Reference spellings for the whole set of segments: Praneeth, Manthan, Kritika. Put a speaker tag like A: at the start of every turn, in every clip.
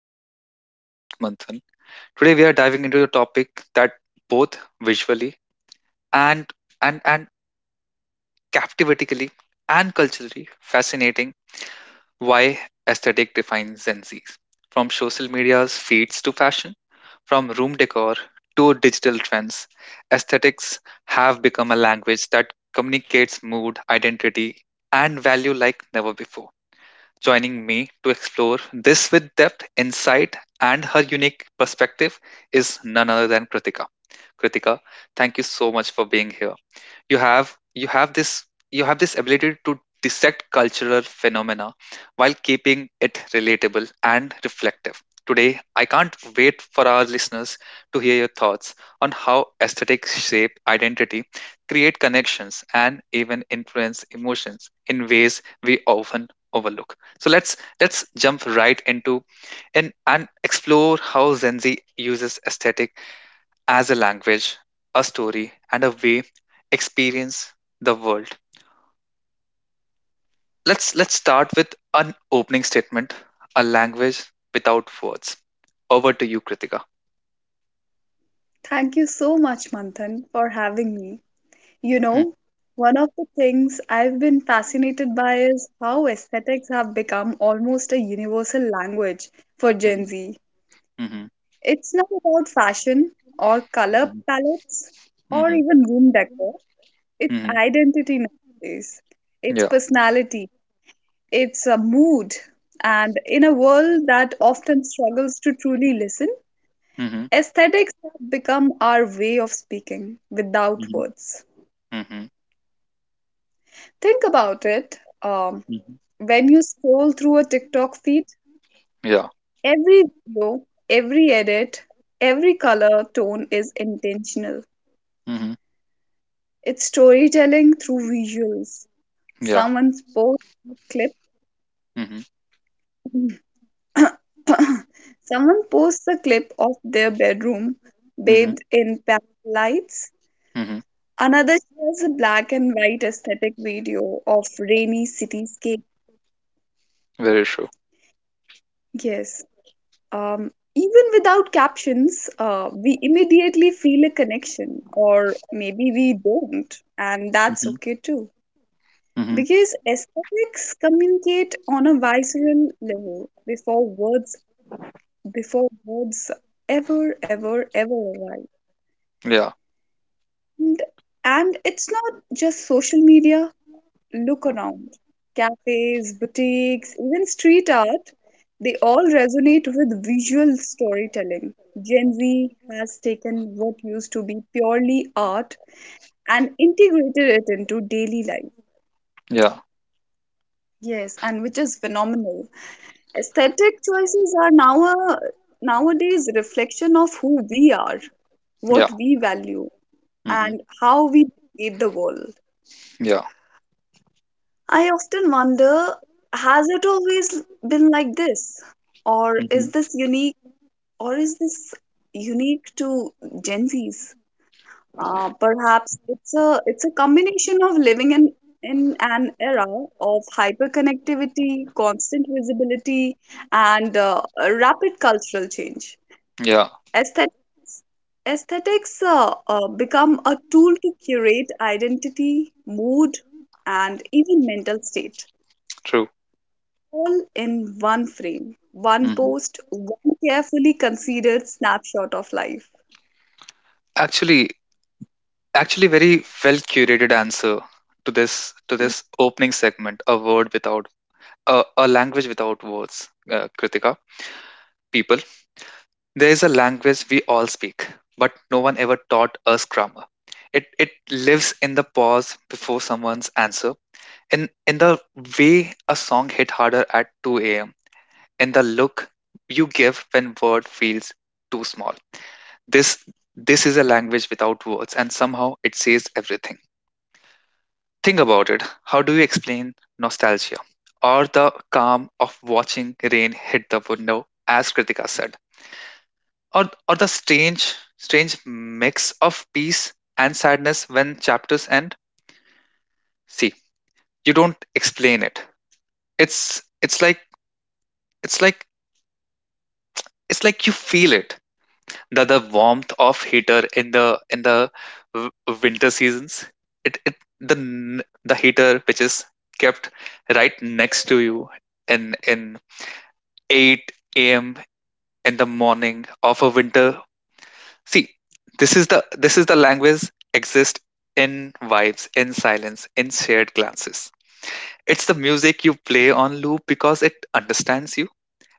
A: podcast. I'm your host, Manthan. Today, we are diving into a topic that both visually and and captivatingly and culturally fascinating: why aesthetic defines Gen Zs. From social media's feeds to fashion, from room decor to digital trends, aesthetics have become a language that communicates mood, identity, and value like never before. Joining me to explore this with depth, insight, and her unique perspective is none other than Kritika. Kritika, thank you so much for being here. You have you have this you have this ability to dissect cultural phenomena while keeping it relatable and reflective. Today, I can't wait for our listeners to hear your thoughts on how aesthetics shape identity, create connections, and even influence emotions in ways we often overlook. So let's jump right into and explore how Gen Z uses aesthetic as a language, a story, and a way experience the world. Let's start with an opening statement, a language without words. Over to you, Kritika.
B: Thank you so much, Manthan, for having me. You
A: Mm.
B: know, one of the things I've been fascinated by is how aesthetics have become almost a universal language for Gen
A: Mhm.
B: Z. It's not about fashion or color
A: Mhm.
B: palettes
A: Mhm.
B: or
A: Mhm.
B: even room decor. It's
A: Mhm.
B: identity nowadays. It's
A: Yeah.
B: personality. It's a mood. And in a world that often struggles to truly listen,
A: Mhm.
B: aesthetics have become our way of speaking without
A: Mhm.
B: words.
A: Mhm.
B: Think about it.
A: Mhm.
B: When you scroll through a TikTok feed,
A: Yeah.
B: every video, every edit, every color tone is intentional.
A: Mhm.
B: It's storytelling through visuals.
A: Yeah.
B: Someone posts a
A: Mhm.
B: clip. Someone posts a clip of their bedroom
A: Mhm.
B: bathed in pale lights.
A: Mhm.
B: Another shares a black and white aesthetic video of rainy cityscape.
A: Very true.
B: Yes. Even without captions, we immediately feel a connection, or maybe we don't, and that's
A: Mhm.
B: okay too.
A: Mhm.
B: Because aesthetics communicate on a visceral level before words ever arrive.
A: Yeah.
B: And, and it's not just social media. Look around. Cafes, boutiques, even street art, they all resonate with visual storytelling. Gen Z has taken what used to be purely art and integrated it into daily life.
A: Yeah.
B: Yes, and which is phenomenal. Aesthetic choices are now a, Nowadays, reflection of who we are,
A: Yeah.
B: what we value,
A: Mhm.
B: and how we navigate the world.
A: Yeah.
B: I often wonder, has it always been like this? Or
A: Mhm.
B: is this unique or is this unique to Gen Zs? Perhaps it's a combination of living in an era of hyperconnectivity, constant visibility, and rapid cultural change.
A: Yeah.
B: Aesthet- aesthetics become a tool to curate identity, mood, and even mental state
A: True.
B: all in one frame, one
A: Mhm.
B: post, one carefully considered snapshot of life.
A: Actually, actually, very well curated answer to this to
B: Mm.
A: this opening segment, a word without a language without words, Kritika. People, there is a language we all speak, but no one ever taught us grammar. It lives in the pause before someone's answer, in the way a song hit harder at 2 a.m, in the look you give when word feels too small. This this is a language without words, and somehow it says everything. Think about it. How do you explain nostalgia? Or the calm of watching rain hit the window, as Kritika said. Or the strange mix of peace and sadness when chapters end. See, you don't explain it. It's it's like it's like it's like you feel it. The warmth of heater in the w- winter seasons. It it the heater which is kept right next to you in 8 a.m. in the morning of a winter. See, this is the language exist in vibes, in silence, in shared glances. It's the music you play on loop because it understands you.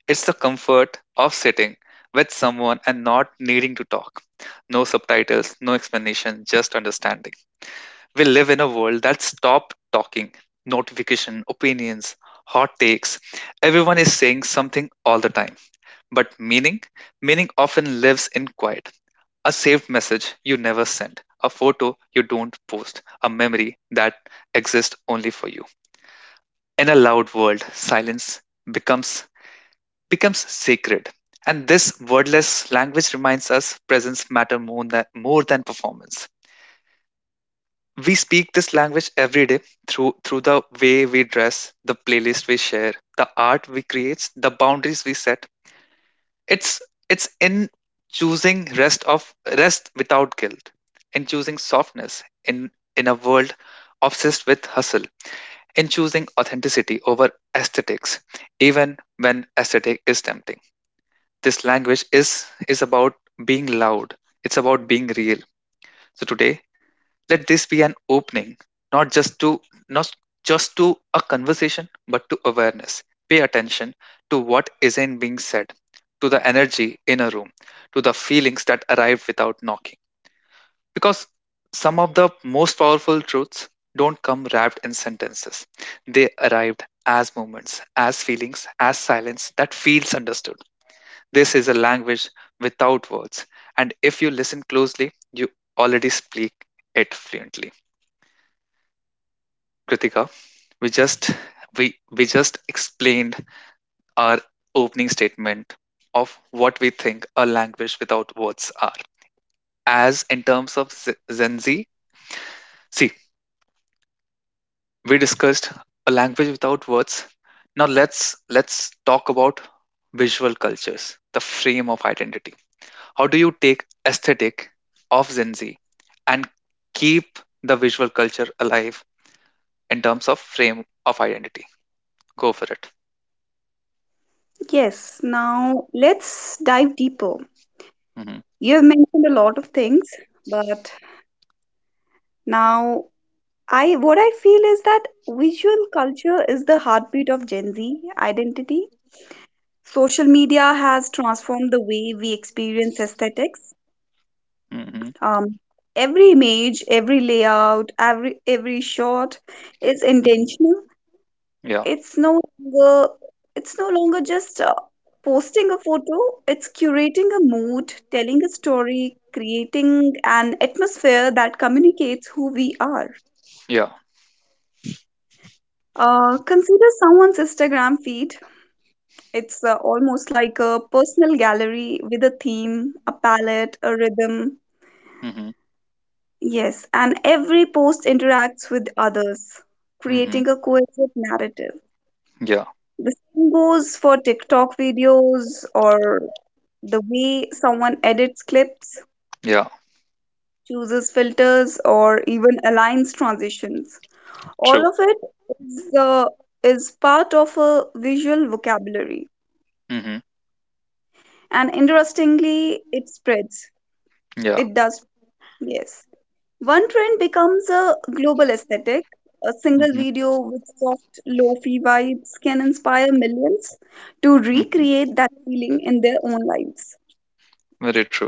A: It's the comfort of sitting with someone and not needing to talk. No subtitles, no explanation, just understanding. We live in a world that stopped talking. Notification, opinions, hot takes. Everyone is saying something all the time. But meaning? Meaning often lives in quiet. A saved message you never send, a photo you don't post, a memory that exists only for you. In a loud world, silence becomes becomes sacred. And this wordless language reminds us presence matter more than performance. We speak this language every day through the way we dress, the playlist we share, the art we create, the boundaries we set. It's it's in choosing rest of rest without guilt, in choosing softness in a world obsessed with hustle, in choosing authenticity over aesthetics, even when aesthetic is tempting. This language is about being loud. It's about being real. So today, let this be an opening, not just to not just to a conversation, but to awareness. Pay attention to what isn't being said, to the energy in a room, to the feelings that arrived without knocking, because some of the most powerful truths don't come wrapped in sentences. They arrived as moments, as feelings, as silence that feels understood. This is a language without words, and if you listen closely, you already speak it fluently. Kritika, We just we just explained our opening statement of what we think a language without words are. As in terms of Gen Z, see, we discussed a language without words. Now let's talk about visual cultures, the frame of identity. How do you take aesthetic of Gen Z and keep the visual culture alive in terms of frame of identity? Go for it.
B: Yes, now let's dive deeper. You have mentioned a lot of things, but now, I what I feel is that visual culture is the heartbeat of Gen Z identity. Social media has transformed the way we experience aesthetics.
A: Hmm.
B: Um, every image, every layout, every shot is
A: Mhm.
B: intentional.
A: Yeah,
B: It's no longer it's no longer just posting a photo, it's curating a mood, telling a story, creating an atmosphere that communicates who we are.
A: yeah.
B: Consider someone's Instagram feed. It's almost like a personal gallery with a theme, a palette, a rhythm.
A: Mhm.
B: Yes, and every post interacts with others,
A: Mhm.
B: creating a cohesive narrative.
A: Yeah,
B: The same goes for TikTok videos. Or the way someone edits clips,
A: yeah.
B: chooses filters, or even aligns transitions,
A: True.
B: all of it is, uh, is part of a visual vocabulary.
A: Mhm.
B: And interestingly, it spreads.
A: Yeah.
B: It does, yes. One trend becomes a global aesthetic. A single
A: Mhm.
B: video with soft, lo-fi vibes can inspire millions to
A: Mhm.
B: recreate that feeling in their own lives.
A: Very true.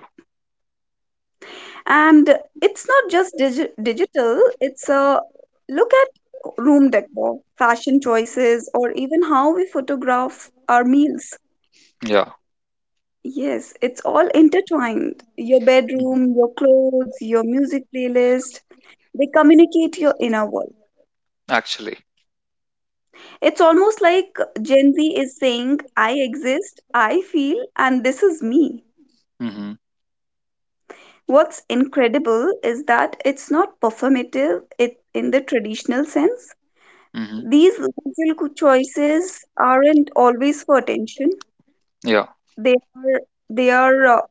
B: And it's not just digital. It's a look at room decor, fashion choices, or even how we photograph our meals.
A: Yeah.
B: Yes, it's all intertwined. Your bedroom,
A: Mhm.
B: your clothes, your music playlist, they communicate your inner world.
A: Actually.
B: It's almost like Gen Z is saying, I exist, I feel, and this is me.
A: Mhm.
B: What's incredible is that it's not performative it in the traditional sense.
A: Mhm.
B: These choices aren't always for attention.
A: Yeah.
B: They are they are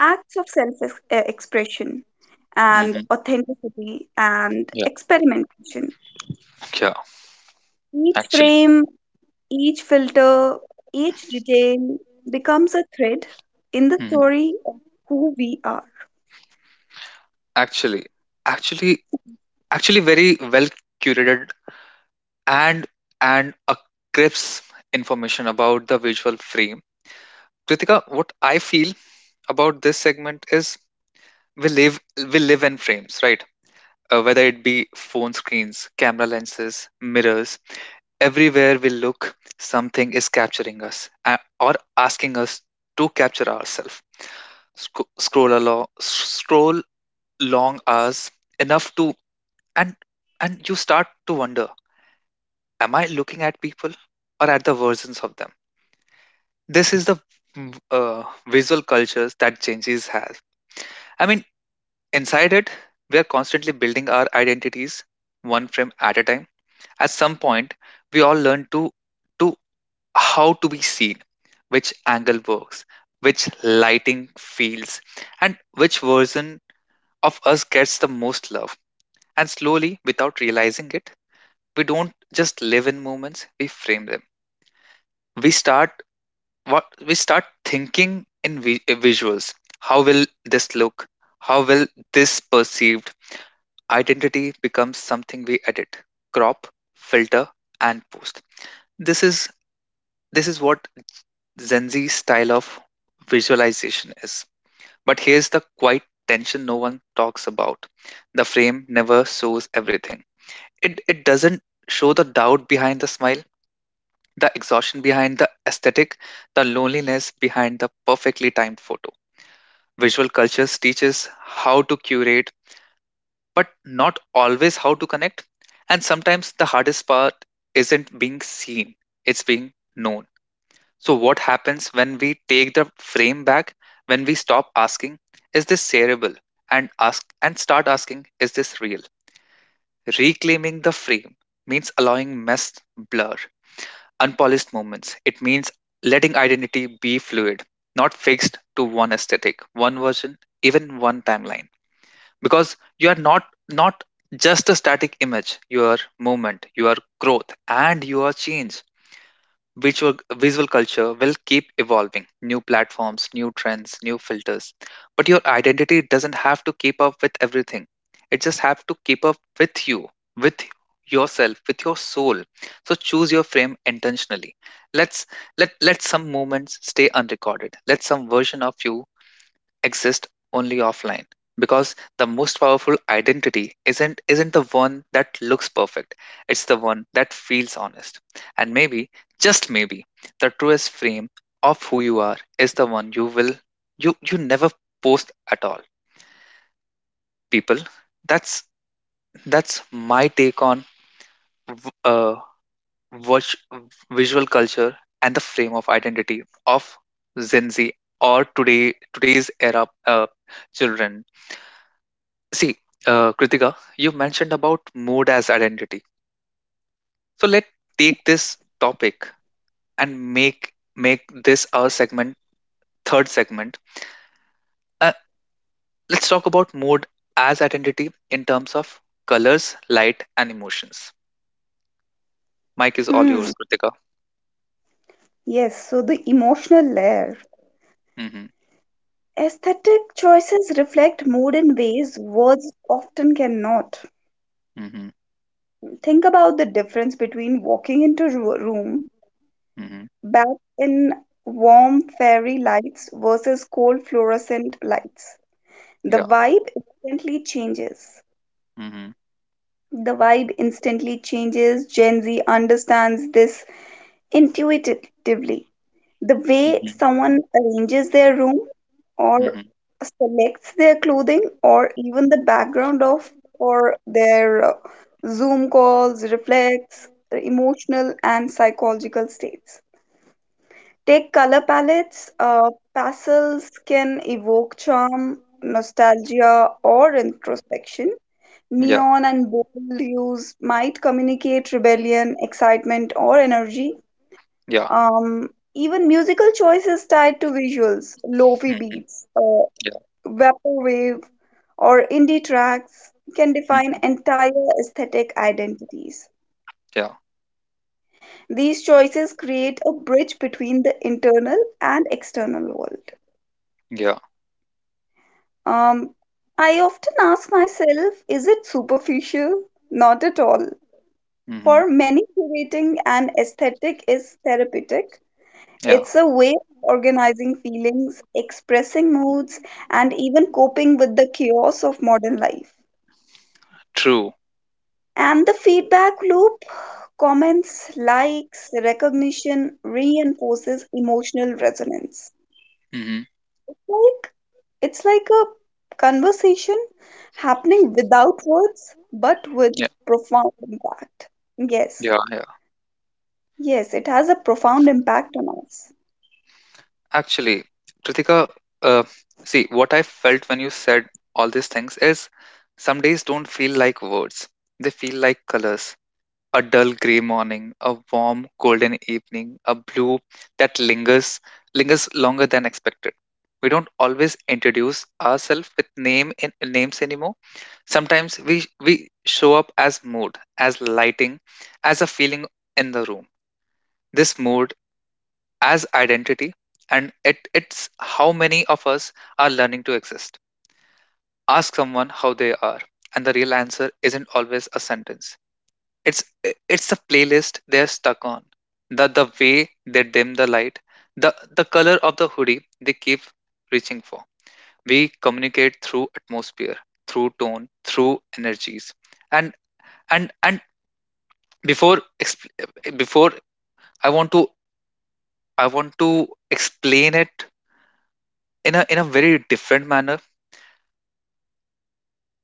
B: acts of self expression and
A: Mhm.
B: authenticity and
A: Yeah.
B: experimentation.
A: Yeah.
B: Each
A: Actually.
B: frame, each filter, each detail becomes a thread in the
A: Mhm.
B: story of who we are.
A: Actually. Actually. Actually, very well curated and and a crisp information about the visual frame. Kritika, what I feel about this segment is we live in frames, right? Whether it be phone screens, camera lenses, mirrors, everywhere we look, something is capturing us, or asking us to capture ourselves. Scroll along, scroll long hours enough to, and and you start to wonder: Am I looking at people, or at the versions of them? This is the visual cultures that changes has. I mean, inside it, we are constantly building our identities one frame at a time. At some point, we all learn to how to be seen, which angle works, which lighting feels, and which version of us gets the most love. And slowly, without realizing it, we don't just live in moments, we frame them. We start we start thinking in visuals. How will this look? How will this perceived? Identity becomes something we edit, crop, filter, and post. This is this is what Gen Z style of visualization is. But here's the quiet tension no one talks about. The frame never shows everything. It doesn't show the doubt behind the smile, the exhaustion behind the aesthetic, the loneliness behind the perfectly timed photo. Visual cultures teaches how to curate, but not always how to connect. And sometimes the hardest part isn't being seen, it's being known. So, what happens when we take the frame back, when we stop asking, is this shareable? And start asking, is this real? Reclaiming the frame means allowing mess, blur, unpolished moments. It means letting identity be fluid, not fixed to one aesthetic, one version, even one timeline. Because you are not just a static image, you are movement, you are growth, and you are change. Visual visual culture will keep evolving, new platforms, new trends, new filters, but your identity doesn't have to keep up with everything. It just have to keep up with you, with yourself, with your soul. So choose your frame intentionally. Let's let let some moments stay unrecorded, let some version of you exist only offline, because the most powerful identity isn't the one that looks perfect, it's the one that feels honest. And maybe, just maybe, the truest frame of who you are is the one you will you you never post at all. People, that's that's my take on v- uh watch visual culture and the frame of identity of Gen Z, or today today's era, uh, children. See, Kritika, you mentioned about mood as identity. So let's take this topic and make this our segment, third segment. Uh, let's talk about mood as identity in terms of colors, light, and emotions. Mike is all
B: Hmm.
A: yours, Kritika.
B: Yes, so the emotional layer.
A: Mm-hmm.
B: Aesthetic choices reflect mood in ways words often cannot.
A: Mm-hmm.
B: Think about the difference between walking into a room
A: Mm-hmm.
B: back in warm fairy lights versus cold fluorescent lights. The
A: Yeah.
B: vibe instantly changes.
A: Mm-hmm.
B: The vibe instantly changes. Gen Z understands this intuitively. The way
A: Mm-hmm.
B: someone arranges their room or
A: Mm-hmm.
B: selects their clothing or even the background of for their Zoom calls reflects their emotional and psychological states. Take color palettes. Pastels can evoke charm, nostalgia, or introspection.
A: Yeah.
B: Neon and bold hues might communicate rebellion, excitement, or energy.
A: Yeah.
B: um, Even musical choices tied to visuals, lofi
A: Mm-hmm.
B: beats,
A: Yeah.
B: vaporwave, or indie tracks can define
A: Mm-hmm.
B: entire aesthetic identities.
A: Yeah.
B: These choices create a bridge between the internal and external world.
A: Yeah.
B: Um, I often ask myself, is it superficial? Not at all.
A: Mm-hmm.
B: For many, curating an aesthetic is therapeutic.
A: Yeah.
B: It's a way of organizing feelings, expressing moods, and even coping with the chaos of modern life.
A: True.
B: And the feedback loop, comments, likes, recognition reinforces emotional resonance.
A: Mm-hmm.
B: Like it's like a conversation happening without words but with
A: Yeah.
B: profound impact. Yes,
A: Yeah. Yeah.
B: yes, it has a profound impact on us.
A: Actually, Kritika, uh, see, what I felt when you said all these things is some days don't feel like words. They feel like colors. A dull gray morning, a warm golden evening, a blue that lingers longer than expected. We don't always introduce ourselves with name in names anymore. Sometimes we show up as mood, as lighting, as a feeling in the room. This mood as identity, and it's how many of us are learning to exist. Ask someone how they are, and the real answer isn't always a sentence. It's it's the playlist they're stuck on, the way they dim the light, the color of the hoodie they keep reaching for. We communicate through atmosphere, through tone, through energies, and and before I want to I want to explain it in a very different manner.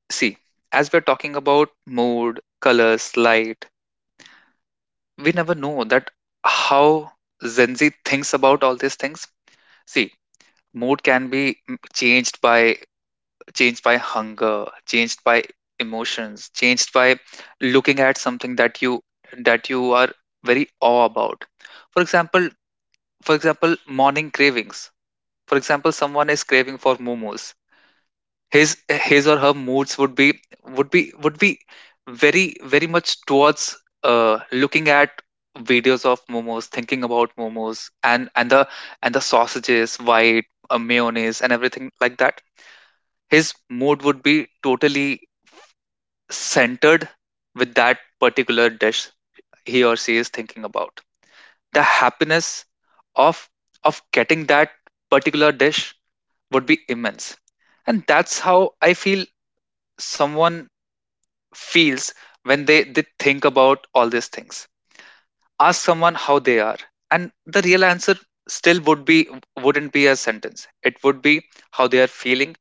A: See, as we're talking about mood, colors, light, we never know that how Gen Z thinks about all these things. See, mood can be changed by hunger, changed by emotions, changed by looking at something that you are very awe about. For example, morning cravings. For example, someone is craving for momos. His his or her moods would be would be very very much towards looking at videos of momos, thinking about momos, and and the and the sausages, white mayonnaise, and everything like that. His mood would be totally centered with that particular dish. He or she is thinking about the happiness of of getting that particular dish would be immense. And that's how I feel someone feels when they think about all these things. Ask someone how they are, and the real answer still would be wouldn't be a sentence. It would be how they are feeling,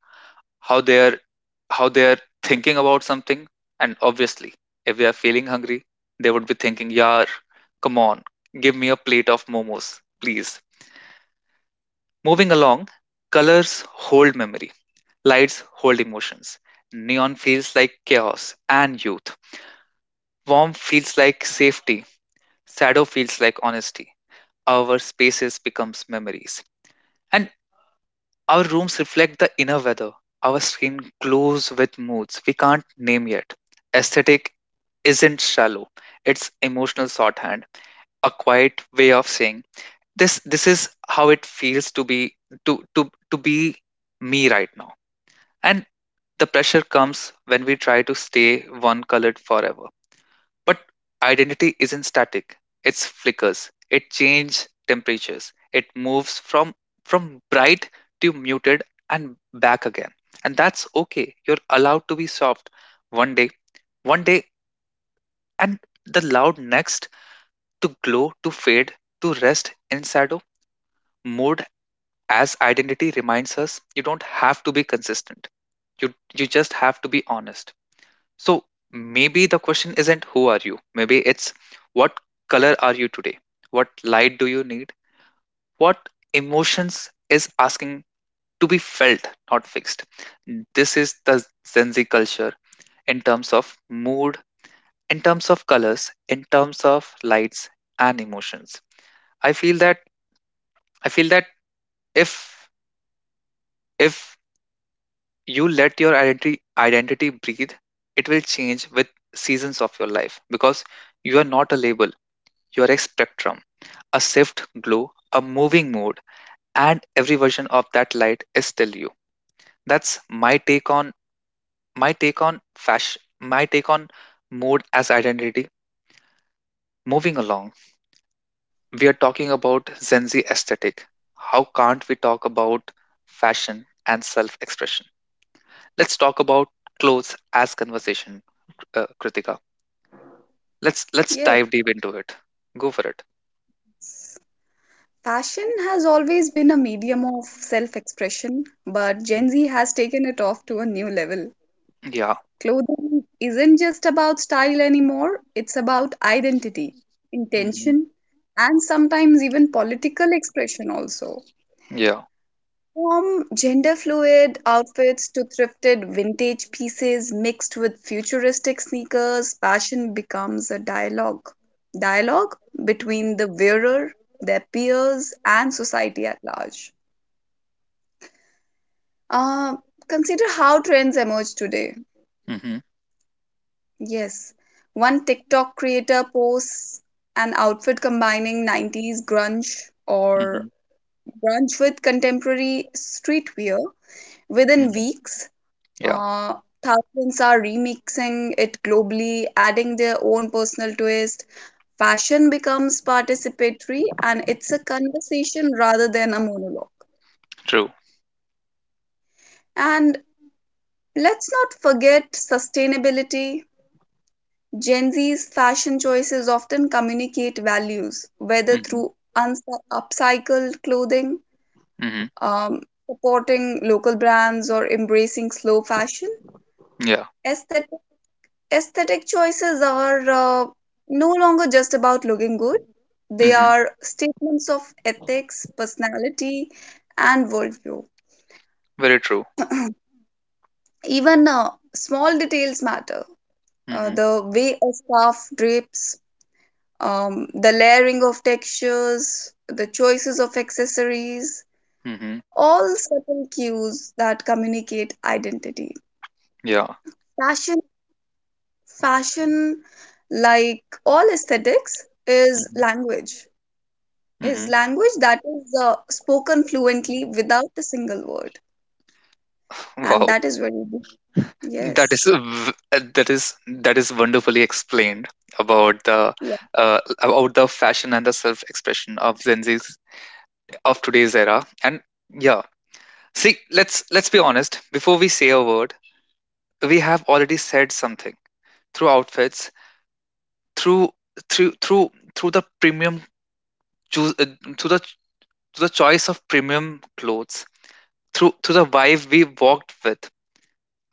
A: how they are how they are thinking about something, and obviously, if they are feeling hungry, they would be thinking, "Yar, come on, give me a plate of momos, please." Moving along, colors hold memory, lights hold emotions. Neon feels like chaos and youth. Warm feels like safety. Shadow feels like honesty. Our spaces becomes memories. And our rooms reflect the inner weather. Our skin glows with moods we can't name yet. Aesthetic isn't shallow. It's emotional shorthand, a quiet way of saying this is how it feels to be to be me right now. And the pressure comes when we try to stay one colored forever. But identity isn't static. It flickers. It changes temperatures. It moves from bright to muted and back again. And that's okay. You're allowed to be soft one day, one day, and the loud next, to glow, to fade, to rest in shadow. Mood as identity reminds us you don't have to be consistent. You just have to be honest. So maybe the question isn't who are you? Maybe it's what color are you today? What light do you need? What emotions is asking to be felt, not fixed? This is the Gen Z culture in terms of mood, in terms of colors, in terms of lights and emotions. I feel that I feel that if if you let your identity breathe, it will change with seasons of your life because you are not a label, you are a spectrum, a shift glow, a moving mood, and every version of that light is still you. That's my take on fashion, my take on mode as identity. Moving along, we are talking about Gen Z aesthetic. How can't we talk about fashion and self-expression? Let's talk about clothes as conversation, Kritika. Let's dive deep into it. Go for it.
B: Yes. Fashion has always been a medium of self expression, but
A: Mm.
B: Gen Z has taken it off to a new level.
A: Yeah.
B: Clothing isn't just about style anymore, it's about identity,
A: Hmm.
B: intention, and sometimes even political expression also.
A: Yeah.
B: From gender fluid outfits to thrifted vintage pieces mixed with futuristic sneakers, fashion becomes a dialogue. Dialogue between the wearer, their peers, and society at large. Uh, Consider how trends emerge today.
A: Hmm.
B: Yes, one TikTok creator posts an outfit combining 90s
A: Hmm.
B: or grunge with contemporary streetwear within
A: Hmm.
B: weeks.
A: Yeah.
B: Uh, Thousands are remixing it globally, adding their own personal twist. Fashion becomes participatory and it's a conversation rather than a monologue.
A: True.
B: And let's not forget sustainability. Gen Z's fashion choices often communicate values, whether
A: Hmm.
B: through upcycled clothing,
A: Hmm.
B: um, supporting local brands, or embracing slow fashion.
A: Yeah.
B: Aesthetic, aesthetic choices are no longer just about looking good, they
A: Mhm.
B: are statements of ethics, personality, and worldview.
A: Very true.
B: Even small details matter.
A: Mhm.
B: The way a scarf drapes, the layering of textures, the choices of accessories,
A: Mhm.
B: all subtle cues that communicate identity.
A: Yeah.
B: Fashion, fashion, like all aesthetics, is
A: Mhm.
B: language. Is
A: Mhm.
B: language that is spoken fluently without a single word, and
A: Wow.
B: that is very deep. Yes,
A: That is wonderfully explained about the
B: yeah.
A: about the fashion and the self-expression of Gen Z's, of today's era. And yeah, see, let's be honest. Before we say a word, we have already said something through outfits, through through through through the premium choose uh, through the choice of premium clothes, through the vibe we walked with.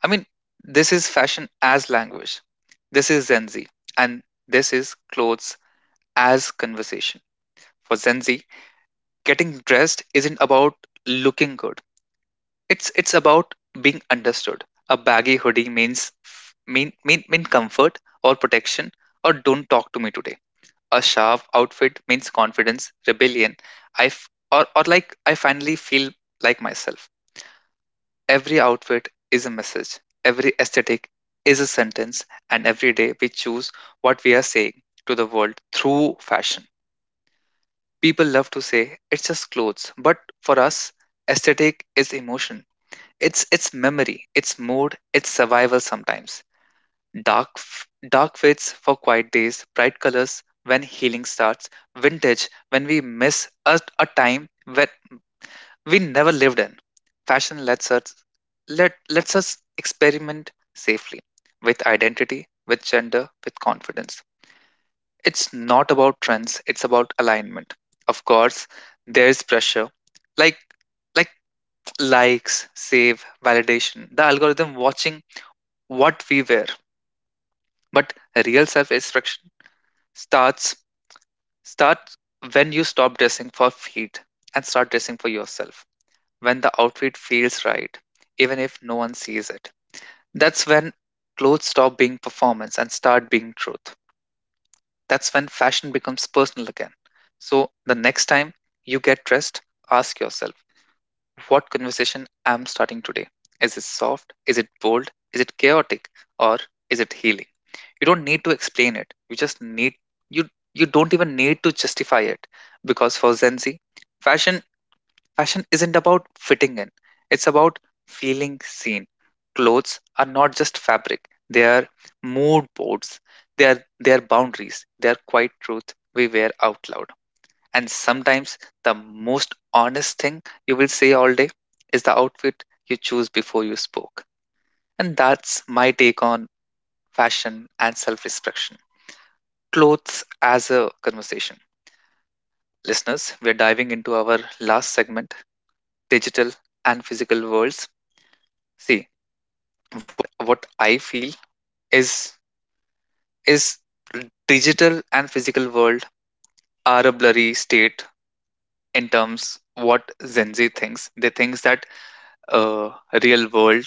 A: I mean, this is fashion as language. This is Gen Z. And this is clothes as conversation. For Gen Z, getting dressed isn't about looking good. It's about being understood. A baggy hoodie means f- mean comfort or protection, or don't talk to me today. A sharp outfit means confidence, rebellion. I f- or like I finally feel like myself. Every outfit is a message, every aesthetic is a sentence, and every day we choose what we are saying to the world through fashion. People love to say it's just clothes, but for us, aesthetic is emotion. It's memory, it's mood, it's survival sometimes. Dark fits for quiet days, bright colors when healing starts, vintage when we miss a time when we never lived in. Fashion let lets us experiment safely with identity, with gender, with confidence. It's not about trends, it's about alignment. Of course, there's pressure like like likes, save, validation, the algorithm watching what we wear. But real self-expression starts starts when you stop dressing for feed and start dressing for yourself, when the outfit feels right, even if no one sees it. That's when clothes stop being performance and start being truth. That's when fashion becomes personal again. So the next time you get dressed, ask yourself, what conversation am starting today? Is it soft? Is it bold? Is it chaotic? Or is it healing? You don't need to explain it. You you don't even need to justify it. Because for Gen Z, fashion fashion isn't about fitting in, it's about feeling seen. Clothes are not just fabric, they are mood boards, they are boundaries, they are quiet truth we wear out loud. And sometimes the most honest thing you will say all day is the outfit you choose before you spoke. And that's my take on fashion and self expression. Clothes as a conversation. Listeners, we are diving into our last segment, digital and physical worlds. See, what I feel is is digital and physical world are a blurry state in terms what Gen Z thinks. They thinks that uh, real world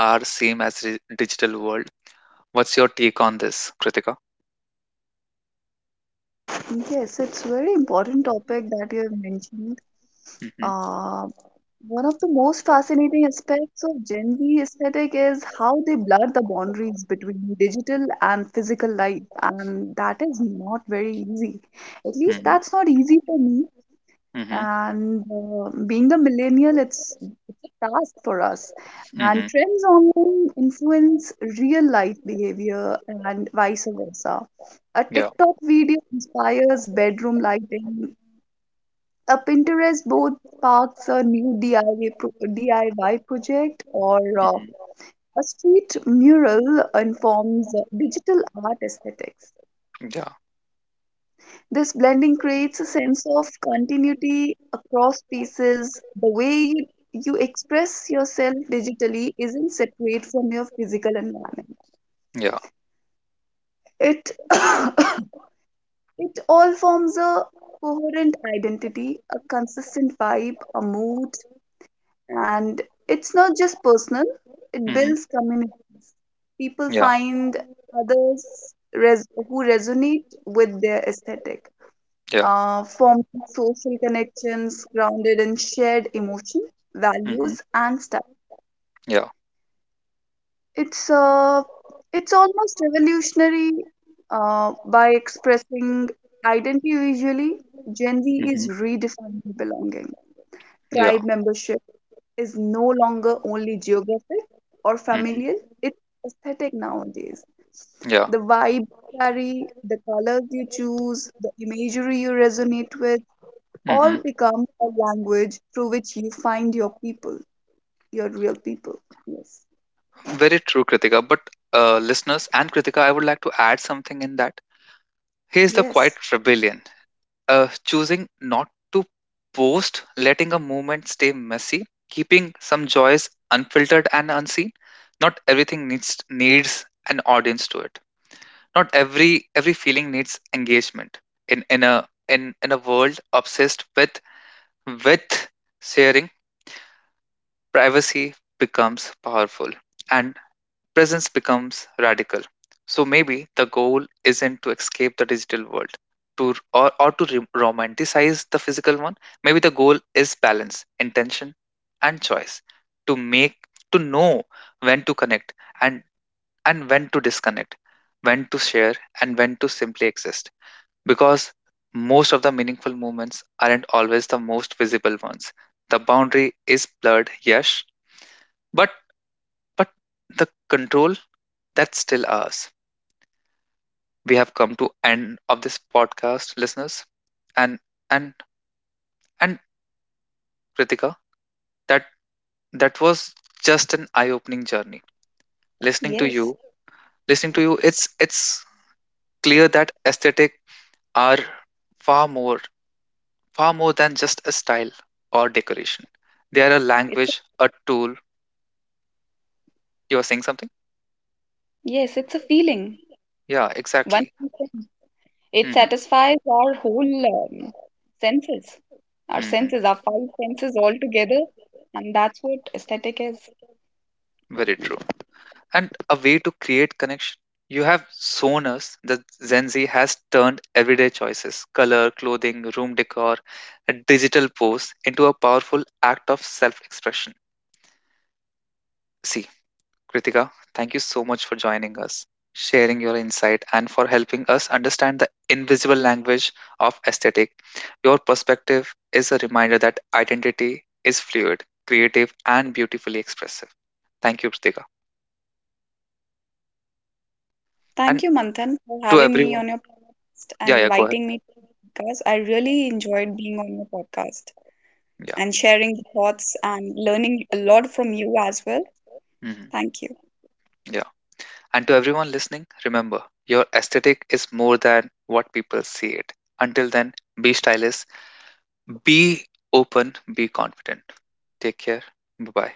A: are same as digital world. What's your take on this, Kritika?
B: Yes, it's very important topic that you have mentioned.
A: Hmm.
B: Uh, One of the most fascinating aspects of Gen Z aesthetic is how they blur the boundaries between digital and physical life, and that is not very easy. At least
A: Hmm.
B: that's not easy for me.
A: Hmm.
B: And being the millennial, it's a task for us. And
A: Hmm.
B: trends online influence real life behavior and vice versa. A
A: Yeah.
B: TikTok video inspires bedroom lighting, a Pinterest board sparks a new DIY project, or
A: Hmm.
B: a street mural informs digital art aesthetics.
A: Yeah.
B: This blending creates a sense of continuity across pieces. The way you express yourself digitally isn't separate from your physical environment.
A: Yeah.
B: It it all forms a coherent identity, a consistent vibe, a mood. And it's not just personal, it
A: Hmm.
B: builds community. People
A: Yeah.
B: find others who resonate with their aesthetic,
A: Yeah.
B: forming social connections grounded in shared emotion, values,
A: Hmm.
B: and stuff.
A: Yeah.
B: It's uh, it's almost revolutionary by expressing identity visually. Gen Z
A: Hmm.
B: is redefining belonging.
A: Yeah.
B: Tribe membership is no longer only geographic or familial,
A: Hmm.
B: it's aesthetic nowadays.
A: Yeah.
B: The vibe you carry, the colors you choose, the imagery you resonate with, all
A: Hmm.
B: become a language through which you find your people, your real people. Yes,
A: Very true, Kritika. But listeners and Kritika, I would like to add something in that. Here's the quiet
B: yes.
A: rebellion, choosing not to post, letting a movement stay messy, keeping some joys unfiltered and unseen. Not everything needs an audience to it. Not every feeling needs engagement. In a world obsessed with sharing, privacy becomes powerful. And presence becomes radical. So maybe the goal isn't to escape the digital world to or to romanticize the physical one. Maybe the goal is balance, intention and choice, to make to know when to connect and and when to disconnect, when to share and when to simply exist, because most of the meaningful moments aren't always the most visible ones. The boundary is blurred, yes, but but the control, that's still ours. We have come to end of this podcast, listeners. And and and Kritika, that that was just an eye-opening journey. Listening to
B: Yes,
A: you, listening to you, it's clear that aesthetic are far more far more than just a style or decoration. They are a
B: it's a,
A: language, a tool. You are saying something?
B: yes, it's a feeling.
A: Yeah,
B: One
A: exactly.
B: can say it
A: Mm hmm.
B: satisfies our whole um, senses,
A: Mm
B: senses, our 5 senses all together, and that's what aesthetic is.
A: hmm. Very true. And a way to create connection. You have shown us that Gen Z has turned everyday choices, color, clothing, room decor, a digital pose into a powerful act of self expression. See, Kritika, thank you so much for joining us, sharing your insight, and for helping us understand the invisible language of aesthetic. Your perspective is a reminder that identity is fluid, creative, and beautifully expressive. Thank you, Kritika.
B: Thank
A: And
B: you, Manthan, for
A: to
B: having me
A: everyone.
B: on your podcast and
A: Yeah, yeah, go ahead.
B: inviting me to podcast. I really enjoyed being on your podcast
A: Yeah.
B: and sharing the thoughts and learning a lot from you as well.
A: Hmm.
B: Thank you.
A: Yeah. And to everyone listening, remember your aesthetic is more than what people see it. Until then, be stylish, be open, be confident. Take care. Bye bye.